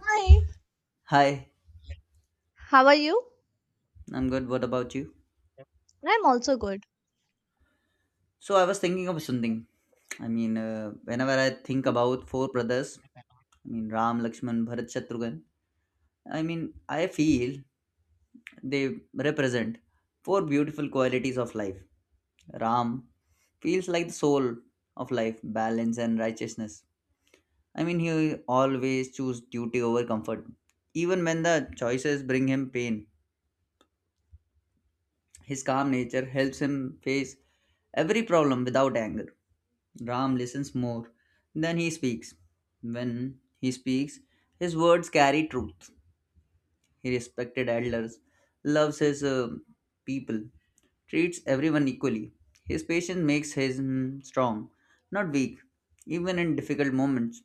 Hi, Hi, how are you? I'm good. What about you? I'm also good. So I was thinking of something. Whenever I think about four brothers, I mean Ram, Lakshman, Bharat, Shatrughan. I feel they represent four beautiful qualities of life. Ram feels like the soul of life, balance and righteousness. He always choose duty over comfort, even when the choices bring him pain. His calm nature helps him face every problem without anger. Ram listens more than he speaks. When he speaks, his words carry truth. He respected elders, loves his people, treats everyone equally. His patience makes him strong, not weak. Even in difficult moments,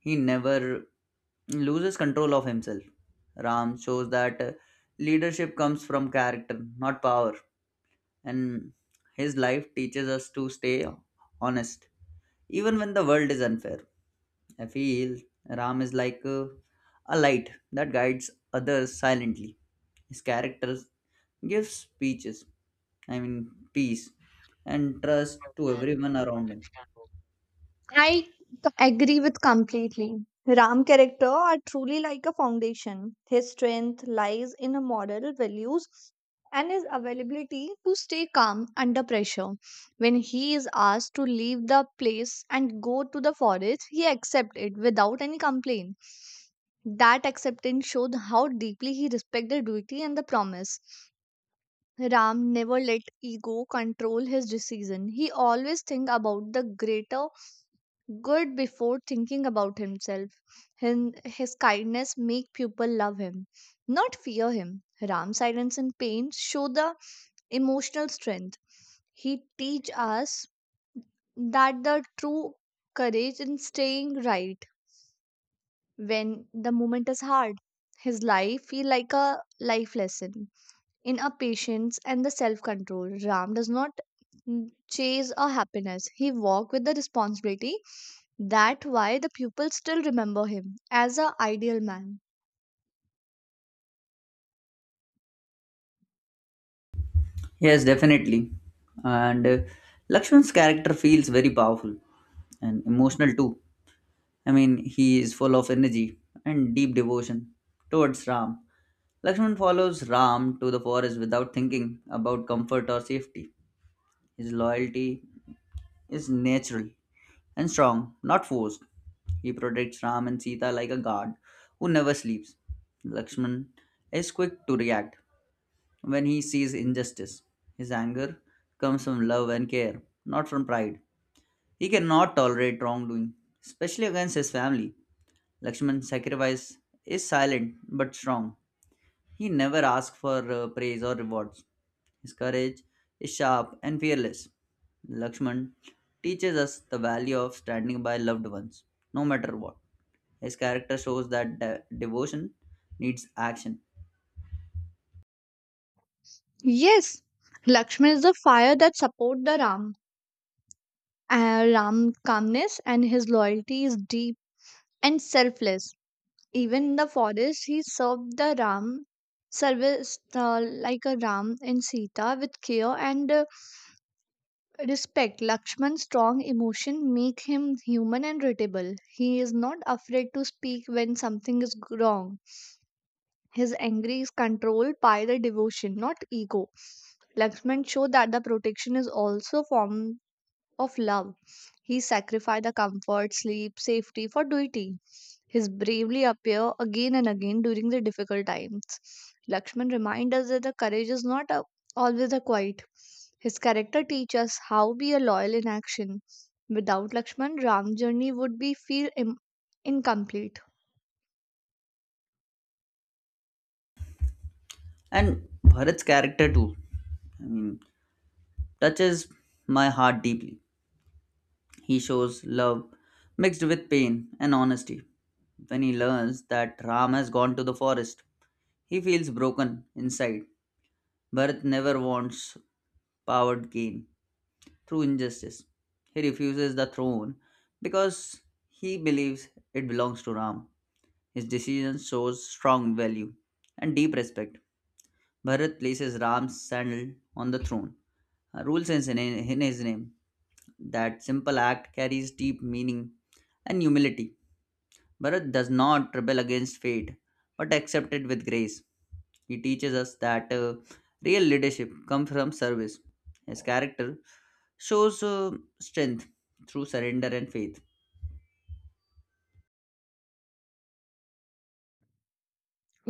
he never loses control of himself. Ram shows that leadership comes from character, not power, and his life teaches us to stay honest even when the world is unfair. I feel Ram is like a light that guides others silently. His character gives speeches, I mean, peace and trust to everyone around him. I c- agree with completely. Ram character are truly like a foundation. His strength lies in a moral values and his availability to stay calm under pressure. When he is asked to leave the place and go to the forest, he accepts it without any complaint. That acceptance showed how deeply he respected duty and the promise. Ram never let ego control his decision. He always think about the greater good before thinking about himself. His kindness make people love him, not fear him. Ram's silence and pain show the emotional strength. He teach us that the true courage in staying right when the moment is hard. His life feel like a life lesson. In a patience and the self control, Ram does not chase a happiness. He walked with the responsibility. That why the pupils still remember him as a ideal man. Yes, definitely. And Lakshman's character feels very powerful and emotional too. He is full of energy and deep devotion towards Ram. Lakshman follows Ram to the forest without thinking about comfort or safety. His loyalty is natural and strong, not forced. He protects Ram and Sita like a guard who never sleeps. Lakshman is quick to react when he sees injustice. His anger comes from love and care, not from pride. He cannot tolerate wrongdoing, especially against his family. Lakshman's sacrifice is silent but strong. He never asks for praise or rewards. His courage is sharp and fearless. Lakshman teaches us the value of standing by loved ones, no matter what. His character shows that devotion needs action. Yes, Lakshman is the fire that support the Ram. Ram calmness and his loyalty is deep and selfless. Even in the forest, he served the Ram service like a Ram and Sita with care and respect. Lakshman's strong emotion make him human and relatable. He is not afraid to speak when something is wrong. His anger is controlled by the devotion, not ego. Lakshman showed that the protection is also form of love. He sacrificed the comfort, sleep, safety for duty. His bravely appear again and again during the difficult times. Lakshman reminds us that the courage is not a, always a quiet. His character teaches us how be a loyal in action. Without Lakshman, Ram's journey would be feel incomplete. And Bharat's character, too, I mean, touches my heart deeply. He shows love mixed with pain and honesty. When he learns that Ram has gone to the forest, he feels broken inside. Bharat never wants powered gain through injustice. He refuses the throne because he believes it belongs to Ram. His decision shows strong value and deep respect. Bharat places Ram's sandal on the throne, rules in his name. That simple act carries deep meaning and humility. Bharat does not rebel against fate but accepts it with grace. He teaches us that real leadership comes from service. His character shows strength through surrender and faith.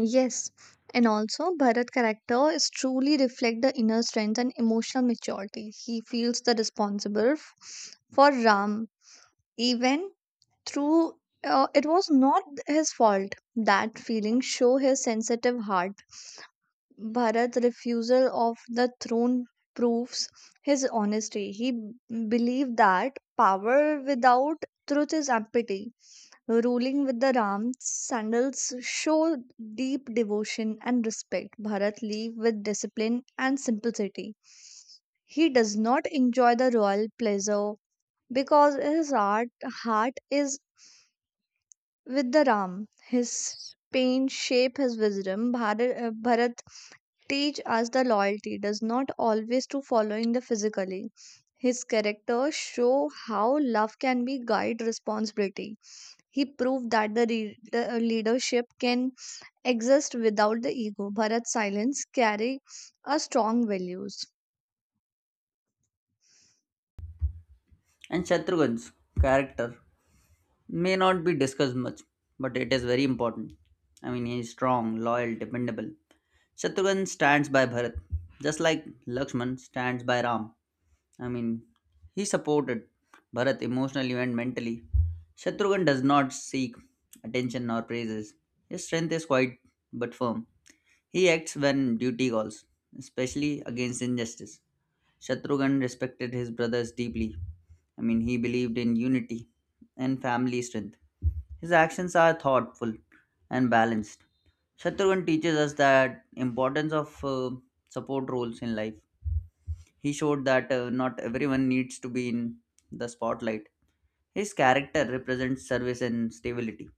Yes, and also Bharat character is truly reflect the inner strength and emotional maturity. He feels the responsible for Ram even through, it was not his fault. That feeling show his sensitive heart. Bharat's refusal of the throne proves his honesty. He believed that power without truth is empty. Ruling with the Ram sandals show deep devotion and respect. Bharat lived with discipline and simplicity. He does not enjoy the royal pleasure because his heart is with the Ram. His pain shape his wisdom. Bharat teach us the loyalty does not always to following the physically. His characters show how love can be guide responsibility. He proved that the leadership can exist without the ego. Bharat's silence carry a strong values. And Shatrughan's character may not be discussed much, but it is very important. He is strong, loyal, dependable. Shatrughan stands by Bharat, just like Lakshman stands by Ram. I mean, he supported Bharat emotionally and mentally. Shatrughan does not seek attention nor praises. His strength is quite but firm. He acts when duty calls, especially against injustice. Shatrughan respected his brothers deeply. He believed in unity and family strength. His actions are thoughtful and balanced. Shatrughan teaches us that importance of support roles in life. He showed that not everyone needs to be in the spotlight. His character represents service and stability.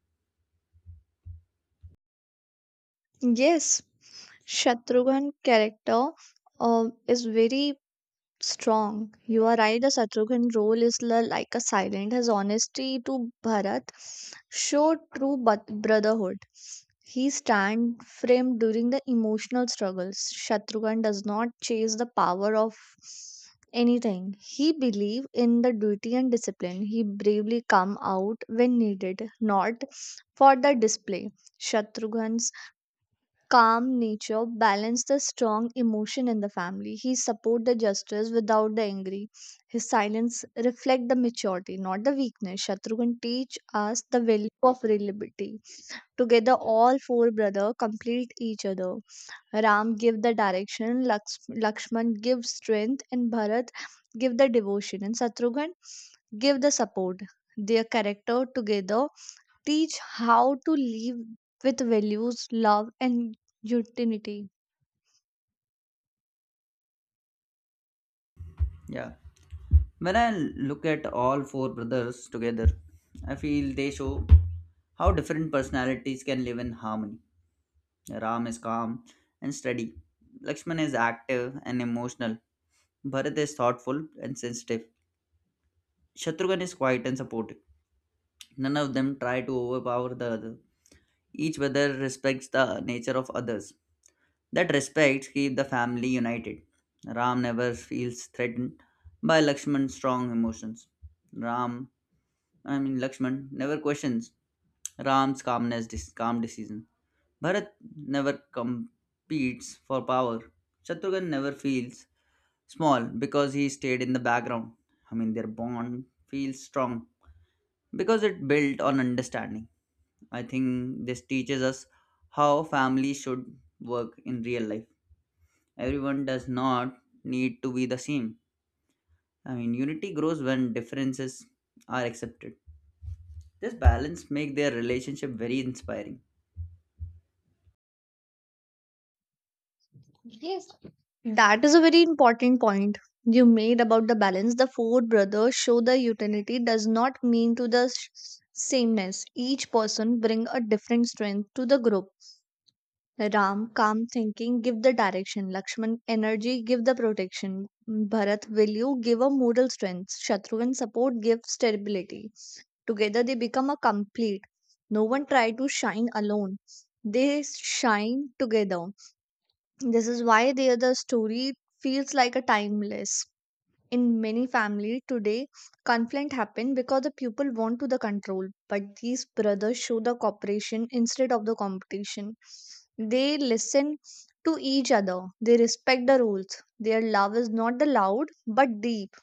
Yes, Shatrughan character is very strong. You are right. The Shatrughan role is like a silent. His honesty to Bharat showed true but brotherhood. He stand firm during the emotional struggles. Shatrughan does not chase the power of anything. He believed in the duty and discipline. He bravely come out when needed, not for the display. Shatrughan calm nature balanced the strong emotion in the family. He support the justice without the angry. His silence reflect the maturity, not the weakness. Shatrughan teach us the value of reliability. Together, all four brother complete each other. Ram give the direction, Lakshman give strength, and Bharat give the devotion, and Shatrughan give the support. Their character together teach how to live with values, love, and unity. Yeah. When I look at all four brothers together, I feel they show how different personalities can live in harmony. Ram is calm and steady. Lakshman is active and emotional. Bharat is thoughtful and sensitive. Shatrughan is quiet and supportive. None of them try to overpower the other. Each brother respects the nature of others. That respect keeps the family united. Ram never feels threatened by Lakshman's strong emotions. Ram, I mean Lakshman, never questions Ram's calmness, calm decision. Bharat never competes for power. Shatrughan never feels small because he stayed in the background. Their bond feels strong because it built on understanding. I think this teaches us how family should work in real life. Everyone does not need to be the same. Unity grows when differences are accepted. This balance make their relationship very inspiring. Yes, that is a very important point you made about the balance. The four brothers show the utility does not mean to the sameness. Each person bring a different strength to the group. Ram, calm thinking, give the direction. Lakshman, energy, give the protection. Bharat, value, give a moral strength. Shatrughan, support, give stability. Together they become a complete. No one try to shine alone. They shine together. This is why they, are the story feels like a timeless. In many families today, conflict happen because the people want to the control, but these brothers show the cooperation instead of the competition. They listen to each other. They respect the rules. Their love is not the loud but deep,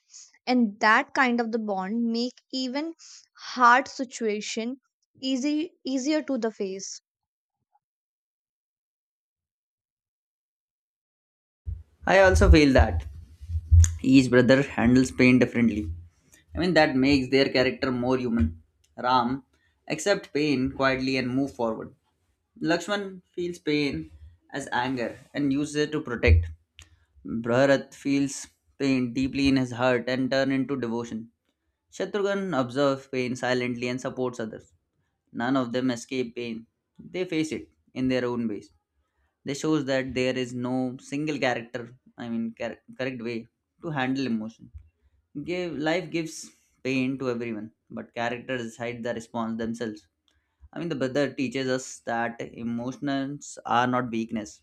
and that kind of the bond make even hard situation easy easier to the face. I also feel that each brother handles pain differently. That makes their character more human. Ram accepts pain quietly and move forward. Lakshman feels pain as anger and uses it to protect. Bharat feels pain deeply in his heart and turn into devotion. Shatrughan observes pain silently and supports others. None of them escape pain. They face it in their own ways. This shows that there is no single character, correct way to handle emotion. Give life gives pain to everyone, but characters decide the response themselves. The brother teaches us that emotions are not weakness.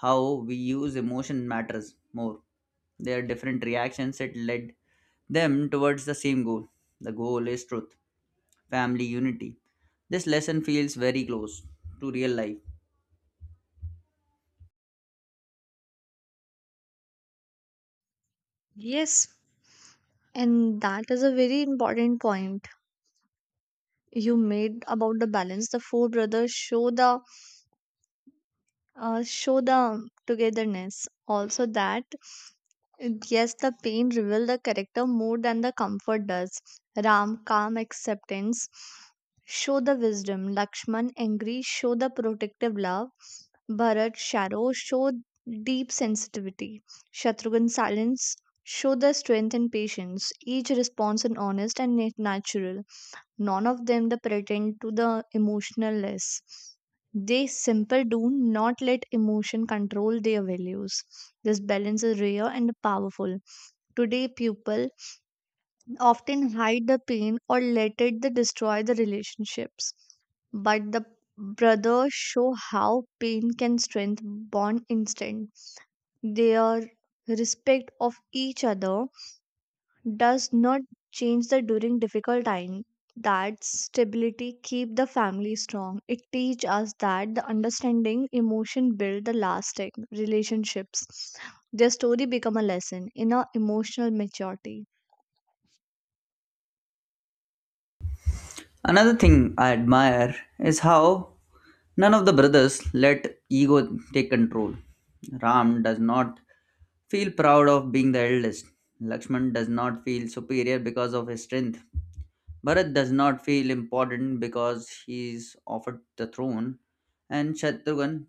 How we use emotion matters more. Their different reactions that led them towards the same goal. The goal is truth, family unity. This lesson feels very close to real life. Yes, and that is a very important point. You made about the balance, the four brothers show the togetherness also. That yes, the pain reveal the character more than the comfort does. Ram calm acceptance show the wisdom. Lakshman angry show the protective love. Bharat shallow show deep sensitivity. Shatrughan silence show the strength and patience. Each response is honest and natural. None of them the pretend to the emotionless. They simple do not let emotion control their values. This balance is rare and powerful. Today people often hide the pain or let it the destroy the relationships, but the brothers show how pain can strengthen bond instant. Their respect of each other does not change the during difficult time. That stability keep the family strong. It teach us that the understanding emotion build the lasting relationships. Their story become a lesson in our emotional maturity. Another thing I admire is how none of the brothers let ego take control. Ram does not feel proud of being the eldest. Lakshman does not feel superior because of his strength. Bharat does not feel important because he is offered the throne. And Shatrughan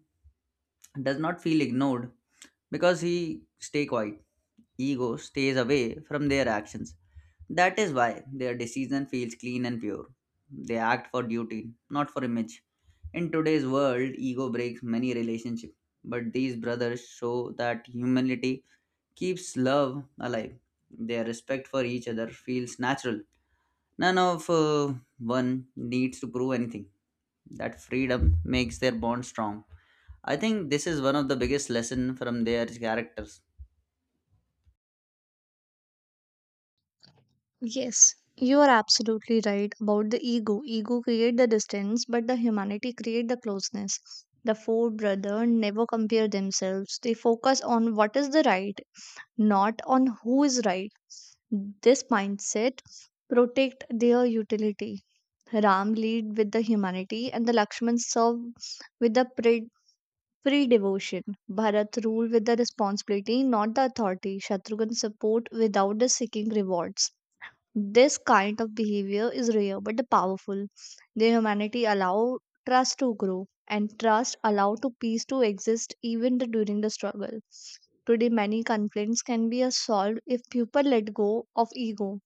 does not feel ignored because he stay quiet. Ego stays away from their actions. That is why their decision feels clean and pure. They act for duty, not for image. In today's world, ego breaks many relationships, but these brothers show that humility keeps love alive. Their respect for each other feels natural. None of one needs to prove anything. That freedom makes their bond strong. I think this is one of the biggest lesson from their characters. Yes, you are absolutely right about the ego. Ego create the distance, but the humanity create the closeness. The four brother never compare themselves. They focus on what is the right, not on who is right. This mindset protect their utility. Ram lead with the humanity, and the Lakshman serve with the pre-devotion. Bharat rule with the responsibility, not the authority. Shatrughan support without the seeking rewards. This kind of behavior is rare but powerful. The humanity allow trust to grow, and trust allow to peace to exist even during the struggle. Today, many conflicts can be solved if people let go of ego.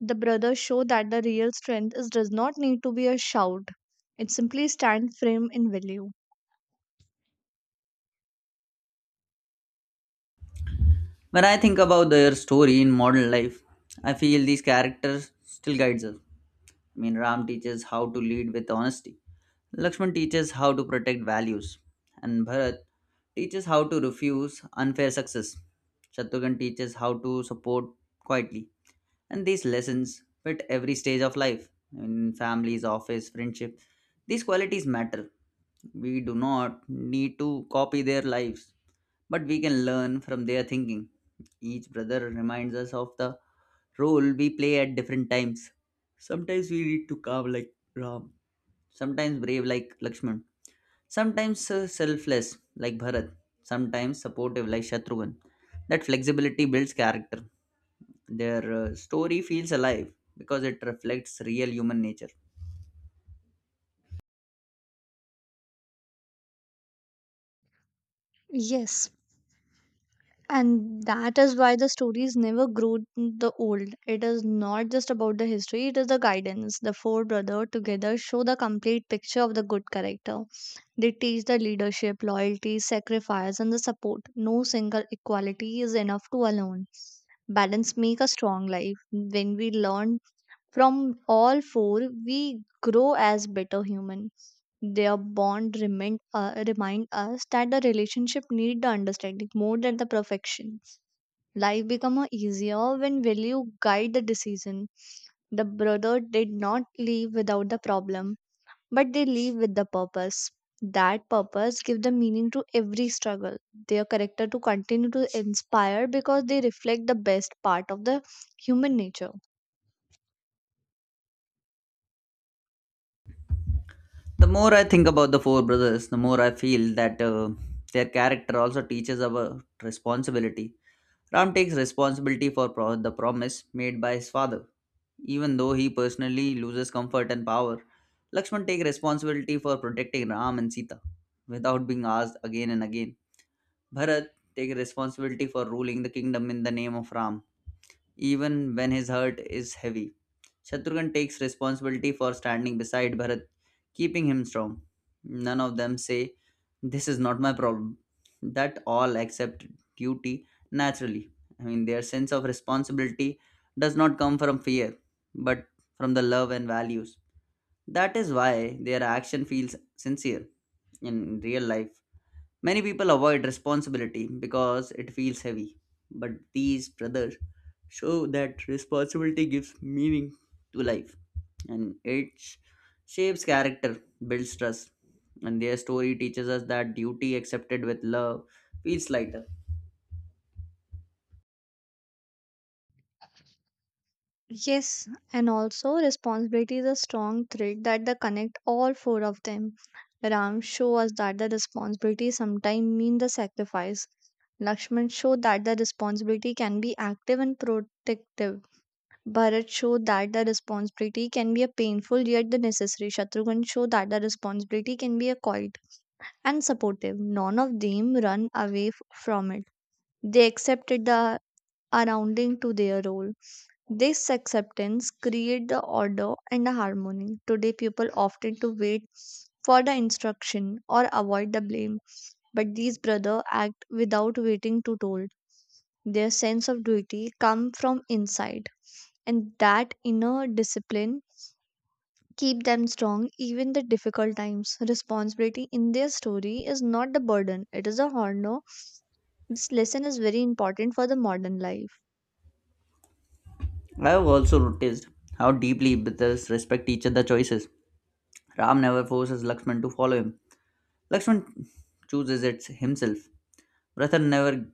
The brothers show that the real strength is, does not need to be a shout. It simply stands firm in value. When I think about their story in modern life, I feel these characters still guides us. Ram teaches how to lead with honesty. Lakshman teaches how to protect values, and Bharat teaches how to refuse unfair success. Shatrughan teaches how to support quietly. And these lessons fit every stage of life in families, office, friendship. These qualities matter. We do not need to copy their lives, but we can learn from their thinking. Each brother reminds us of the role we play at different times. Sometimes we need to calm like Ram, sometimes brave like Lakshman, sometimes selfless, like Bharat, sometimes supportive, like Shatrughan. That flexibility builds character. Their story feels alive because it reflects real human nature. Yes, and that is why the stories never grow the old. It is not just about the history, it is the guidance. The four brothers together show the complete picture of the good character. They teach the leadership, loyalty, sacrifice, and the support. No single equality is enough to alone. Balance make a strong life. When we learn from all four, we grow as better humans. Their bond remind us that the relationship need the understanding more than the perfection. Life become a easier when value guide the decision. The brother did not leave without the problem, but they leave with the purpose. That purpose give the meaning to every struggle. Their character to continue to inspire because they reflect the best part of the human nature. The more I think about the four brothers, the more I feel that their character also teaches about responsibility. Ram takes responsibility for the promise made by his father, even though he personally loses comfort and power. Lakshman takes responsibility for protecting Ram and Sita without being asked, again and again. Bharat takes responsibility for ruling the kingdom in the name of Ram, even when his heart is heavy. Shatrughan takes responsibility for standing beside Bharat, keeping him strong. None of them say, "This is not my problem." That all accept duty naturally. Their sense of responsibility does not come from fear, but from the love and values. That is why their action feels sincere in real life. Many people avoid responsibility because it feels heavy, but these brothers show that responsibility gives meaning to life, and it shapes character, builds trust, and their story teaches us that duty accepted with love feels lighter. Yes, and also responsibility is a strong thread that the connect all four of them. Ram show us that the responsibility sometimes mean the sacrifice. Lakshman showed that the responsibility can be active and protective. Bharat showed that the responsibility can be a painful yet the necessary. Shatrughan showed that the responsibility can be a quiet and supportive. None of them run away from it. They accepted the surrounding to their role. This acceptance create the order and the harmony. Today people often to wait for the instruction or avoid the blame, but these brother act without waiting to told. Their sense of duty come from inside, and that inner discipline keep them strong even the difficult times. Responsibility in their story is not the burden, it is a honor. This lesson is very important for the modern life. I have also noticed how deeply brothers respect each other's choices. Ram never forces Lakshman to follow him. Lakshman chooses it himself. Bharat never,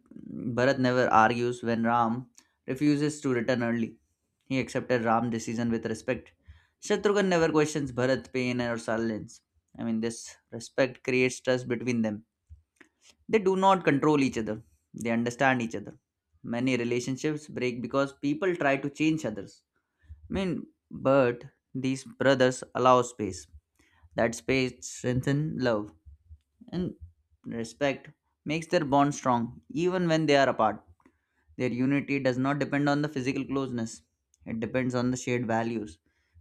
Bharat never argues when Ram refuses to return early. He accepted Ram's decision with respect. Shatrughan never questions Bharat's pain or silence. This respect creates trust between them. They do not control each other, they understand each other. Many relationships break because people try to change others. But these brothers allow space. That space strengthens love and respect makes their bond strong even when they are apart. Their unity does not depend on the physical closeness, it depends on the shared values.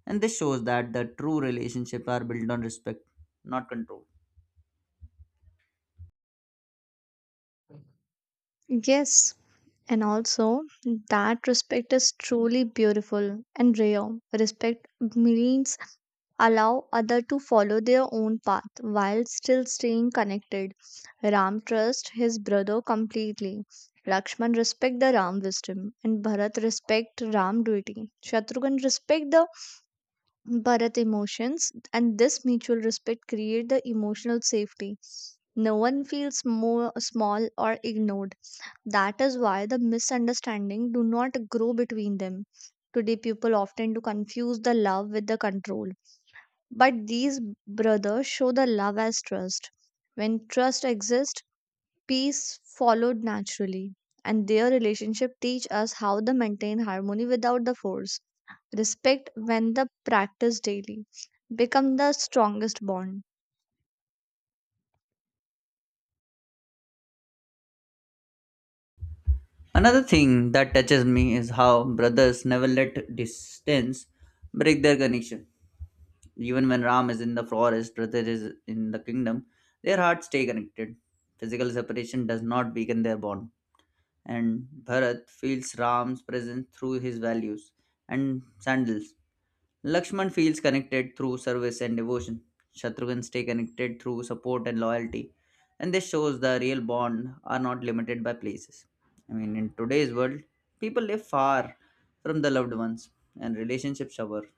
And this shows that the true relationships are built on respect, not control. Yes. And also, that respect is truly beautiful and rare. Respect means allow other to follow their own path while still staying connected. Ram trusts his brother completely. Lakshman respect the Ram wisdom, and Bharat respect Ram duty. Shatrughan respect the Bharat emotions, and this mutual respect create the emotional safety. No one feels more small or ignored. That is why the misunderstanding do not grow between them. Today people often do confuse the love with the control. But these brothers show the love as trust. When trust exists, peace followed naturally. And their relationship teach us how to maintain harmony without the force. Respect when the practice daily become the strongest bond. Another thing that touches me is how brothers never let distance break their connection. Even when Ram is in the forest, brother is in the kingdom, their hearts stay connected. Physical separation does not weaken their bond, and Bharat feels Ram's presence through his values and sandals. Lakshman feels connected through service and devotion. Shatrughan stay connected through support and loyalty. And this shows the real bond are not limited by places. In today's world, people live far from the loved ones and relationships suffer.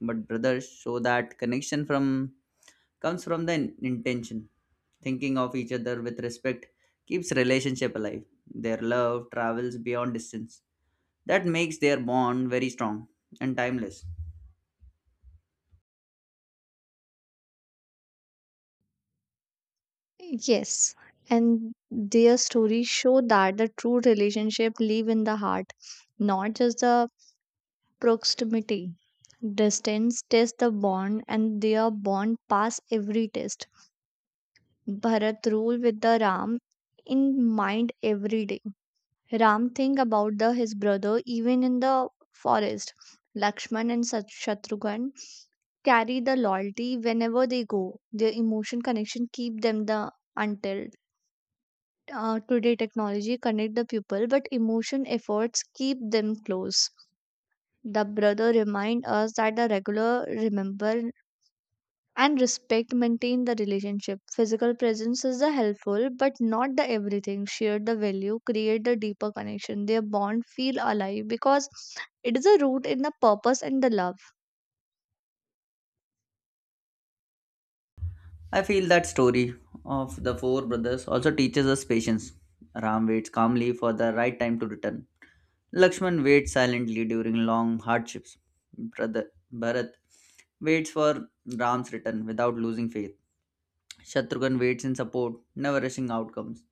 But brothers show that connection from comes from the intention. Thinking of each other with respect keeps relationship alive. Their love travels beyond distance. That makes their bond very strong and timeless. Yes, and their stories show that the true relationship live in the heart, not just the proximity. Distance test the bond, and their bond pass every test. Bharat rule with the Ram in mind every day. Ram think about the his brother even in the forest. Lakshman and Shatrughan carry the loyalty whenever they go. Their emotion connection keep them the until today. Technology connect the people, but emotion efforts keep them close. The brother remind us that the regular remember and respect maintain the relationship. Physical presence is the helpful but not the everything. Share the value create the deeper connection. Their bond feel alive because it is a root in the purpose and the love. I feel that story of the four brothers also teaches us patience. Ram waits calmly for the right time to return. Lakshman waits silently during long hardships. Brother Bharat waits for Ram's return without losing faith. Shatrughan waits in support, never rushing outcomes.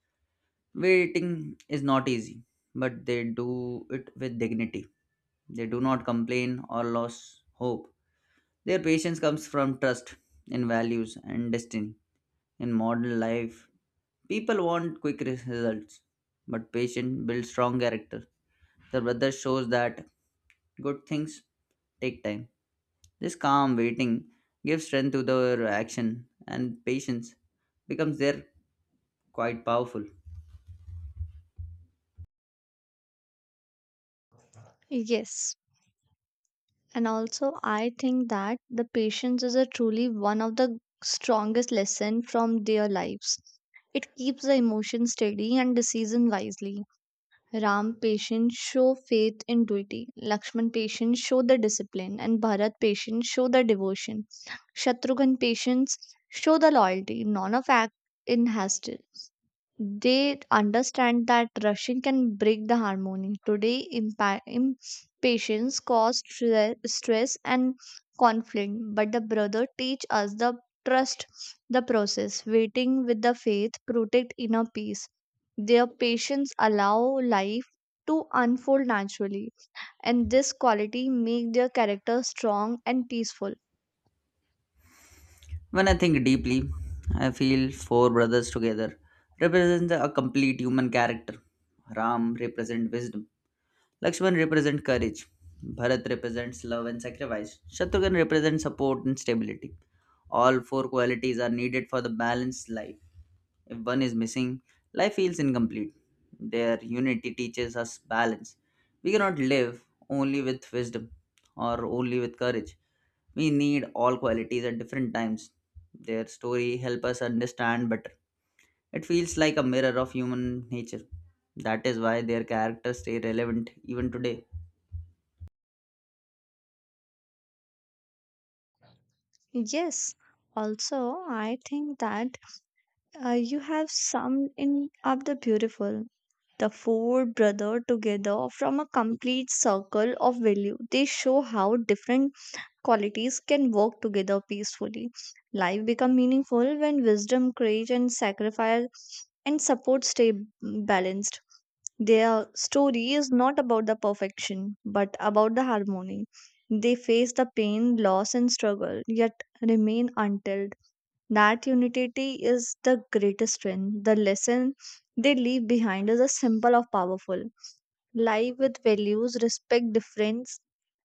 Waiting is not easy, but they do it with dignity. They do not complain or lose hope. Their patience comes from trust in values and destiny. In modern life, people want quick results, but patience builds strong character. The brother shows that good things take time. This calm waiting gives strength to their action, and patience becomes their quite powerful. Yes, and also, I think that the patience is a truly one of the strongest lesson from their lives. It keeps the emotion steady and decision wisely. Ram patience show faith in duty. Lakshman patience show the discipline, and Bharat patience show the devotion. Shatrughan patience show the loyalty. None of act in hastily. They understand that rushing can break the harmony. Today, impatience causes stress and conflict, but the brother teach us the trust the process, waiting with the faith, protect inner peace. Their patience allow life to unfold naturally, and this quality make their character strong and peaceful. When I think deeply, I feel four brothers together represent a complete human character. Ram represents wisdom. Lakshman represents courage. Bharat represents love and sacrifice. Shatrughan represents support and stability. All four qualities are needed for the balanced life. If one is missing, life feels incomplete. Their unity teaches us balance. We cannot live only with wisdom or only with courage. We need all qualities at different times. Their story helps us understand better. It feels like a mirror of human nature. That is why their characters stay relevant even today. Yes, also, I think that you have summed in up the beautiful. The four brother together from a complete circle of value. They show how different qualities can work together peacefully. Life become meaningful when wisdom, courage, and sacrifice and support stay balanced. Their story is not about the perfection, but about the harmony. They face the pain, loss, and struggle, yet remain until that unity is the greatest strength. The lesson they leave behind is a simple of powerful. Live with values, respect difference,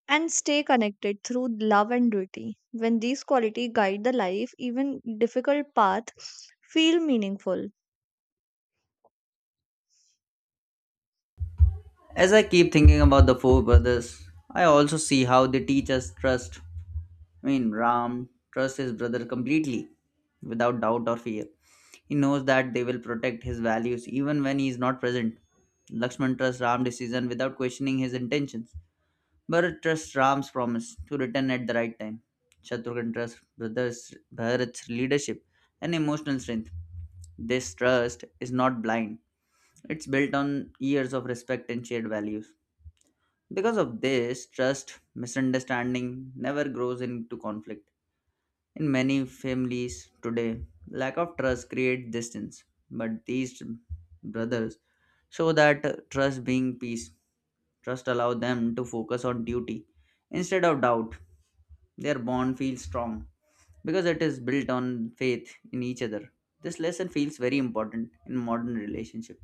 and stay connected through love and duty. When these qualities guide the life, even difficult path feel meaningful. As I keep thinking about the four brothers, I also see how they teach us trust. Ram trusts his brother completely, without doubt or fear. He knows that they will protect his values even when he is not present. Lakshman trusts Ram's decision without questioning his intentions. Bharat trusts Ram's promise to return at the right time. Shatrughan trusts brothers Bharat's leadership and emotional strength. This trust is not blind. It's built on years of respect and shared values. Because of this, trust misunderstanding never grows into conflict. In many families today, lack of trust creates distance, but these brothers show that trust being peace. Trust allows them to focus on duty instead of doubt. Their bond feels strong because it is built on faith in each other. This lesson feels very important in modern relationship.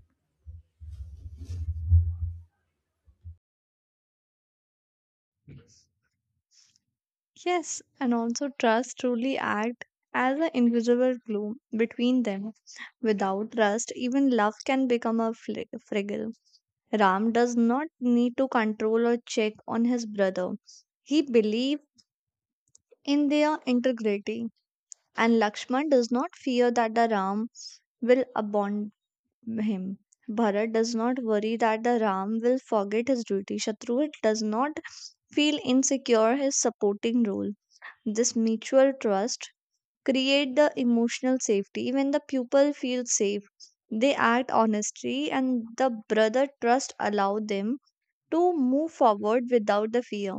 Yes, and also trust truly act as an invisible glue between them. Without trust, even love can become a fragile. Ram does not need to control or check on his brother. He believed in their integrity, and Lakshman does not fear that the Ram will abandon him. Bharat does not worry that the Ram will forget his duty. Shatrughat does not feel insecure his supporting role. This mutual trust create the emotional safety. When the pupil feels safe, they act honestly, and the brother trust allow them to move forward without the fear.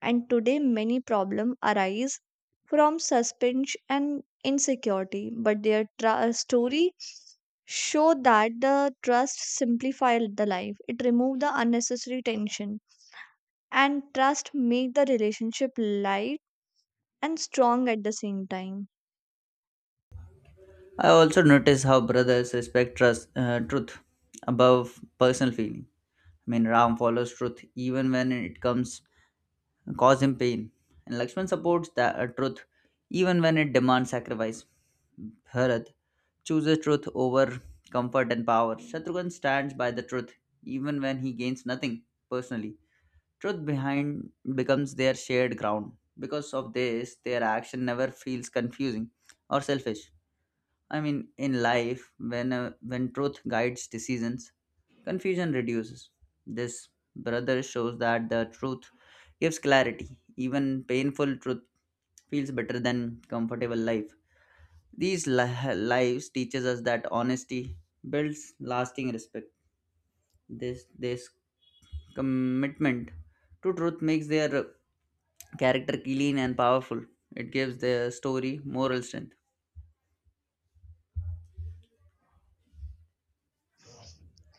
And today many problems arise from suspense and insecurity, but their story show that the trust simplify the life. It remove the unnecessary tension, and trust make the relationship light and strong at the same time. I also notice how brothers respect truth above personal feeling. Ram follows truth even when it comes and cause him pain. And Lakshman supports the truth even when it demands sacrifice. Bharat chooses truth over comfort and power. Shatrughan stands by the truth even when he gains nothing personally. Truth behind becomes their shared ground. Because of this, their action never feels confusing or selfish. In life, when truth guides decisions, confusion reduces. This brother shows that the truth gives clarity. Even painful truth feels better than comfortable life. These lives teaches us that honesty builds lasting respect. This commitment to truth makes their character clean and powerful. It gives their story moral strength.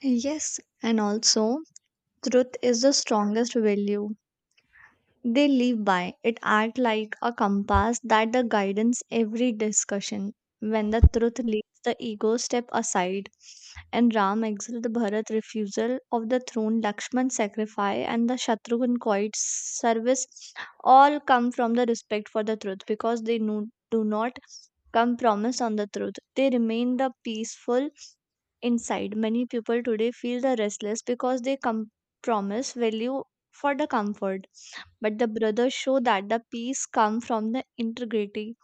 Yes, and also truth is the strongest value they live by. It acts like a compass that the guidance every discussion. When the truth leads, the ego step aside. And Ram exiled, the Bharat refusal of the throne, Lakshman sacrifice, and the Shatrughan quiet service all come from the respect for the truth, because they no, do not compromise on the truth. They remain the peaceful inside. Many people today feel the restless because they compromise value for the comfort, but the brothers show that the peace comes from the integrity.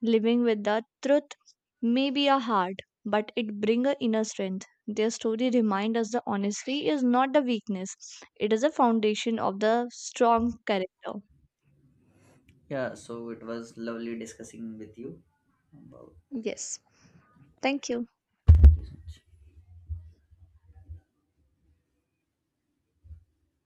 Living with the truth may be a hard, but it brings a inner strength. Their story reminds us the honesty is not the weakness, it is a foundation of the strong character. Yeah, so it was lovely discussing with you about Yes. Thank you. this. Much.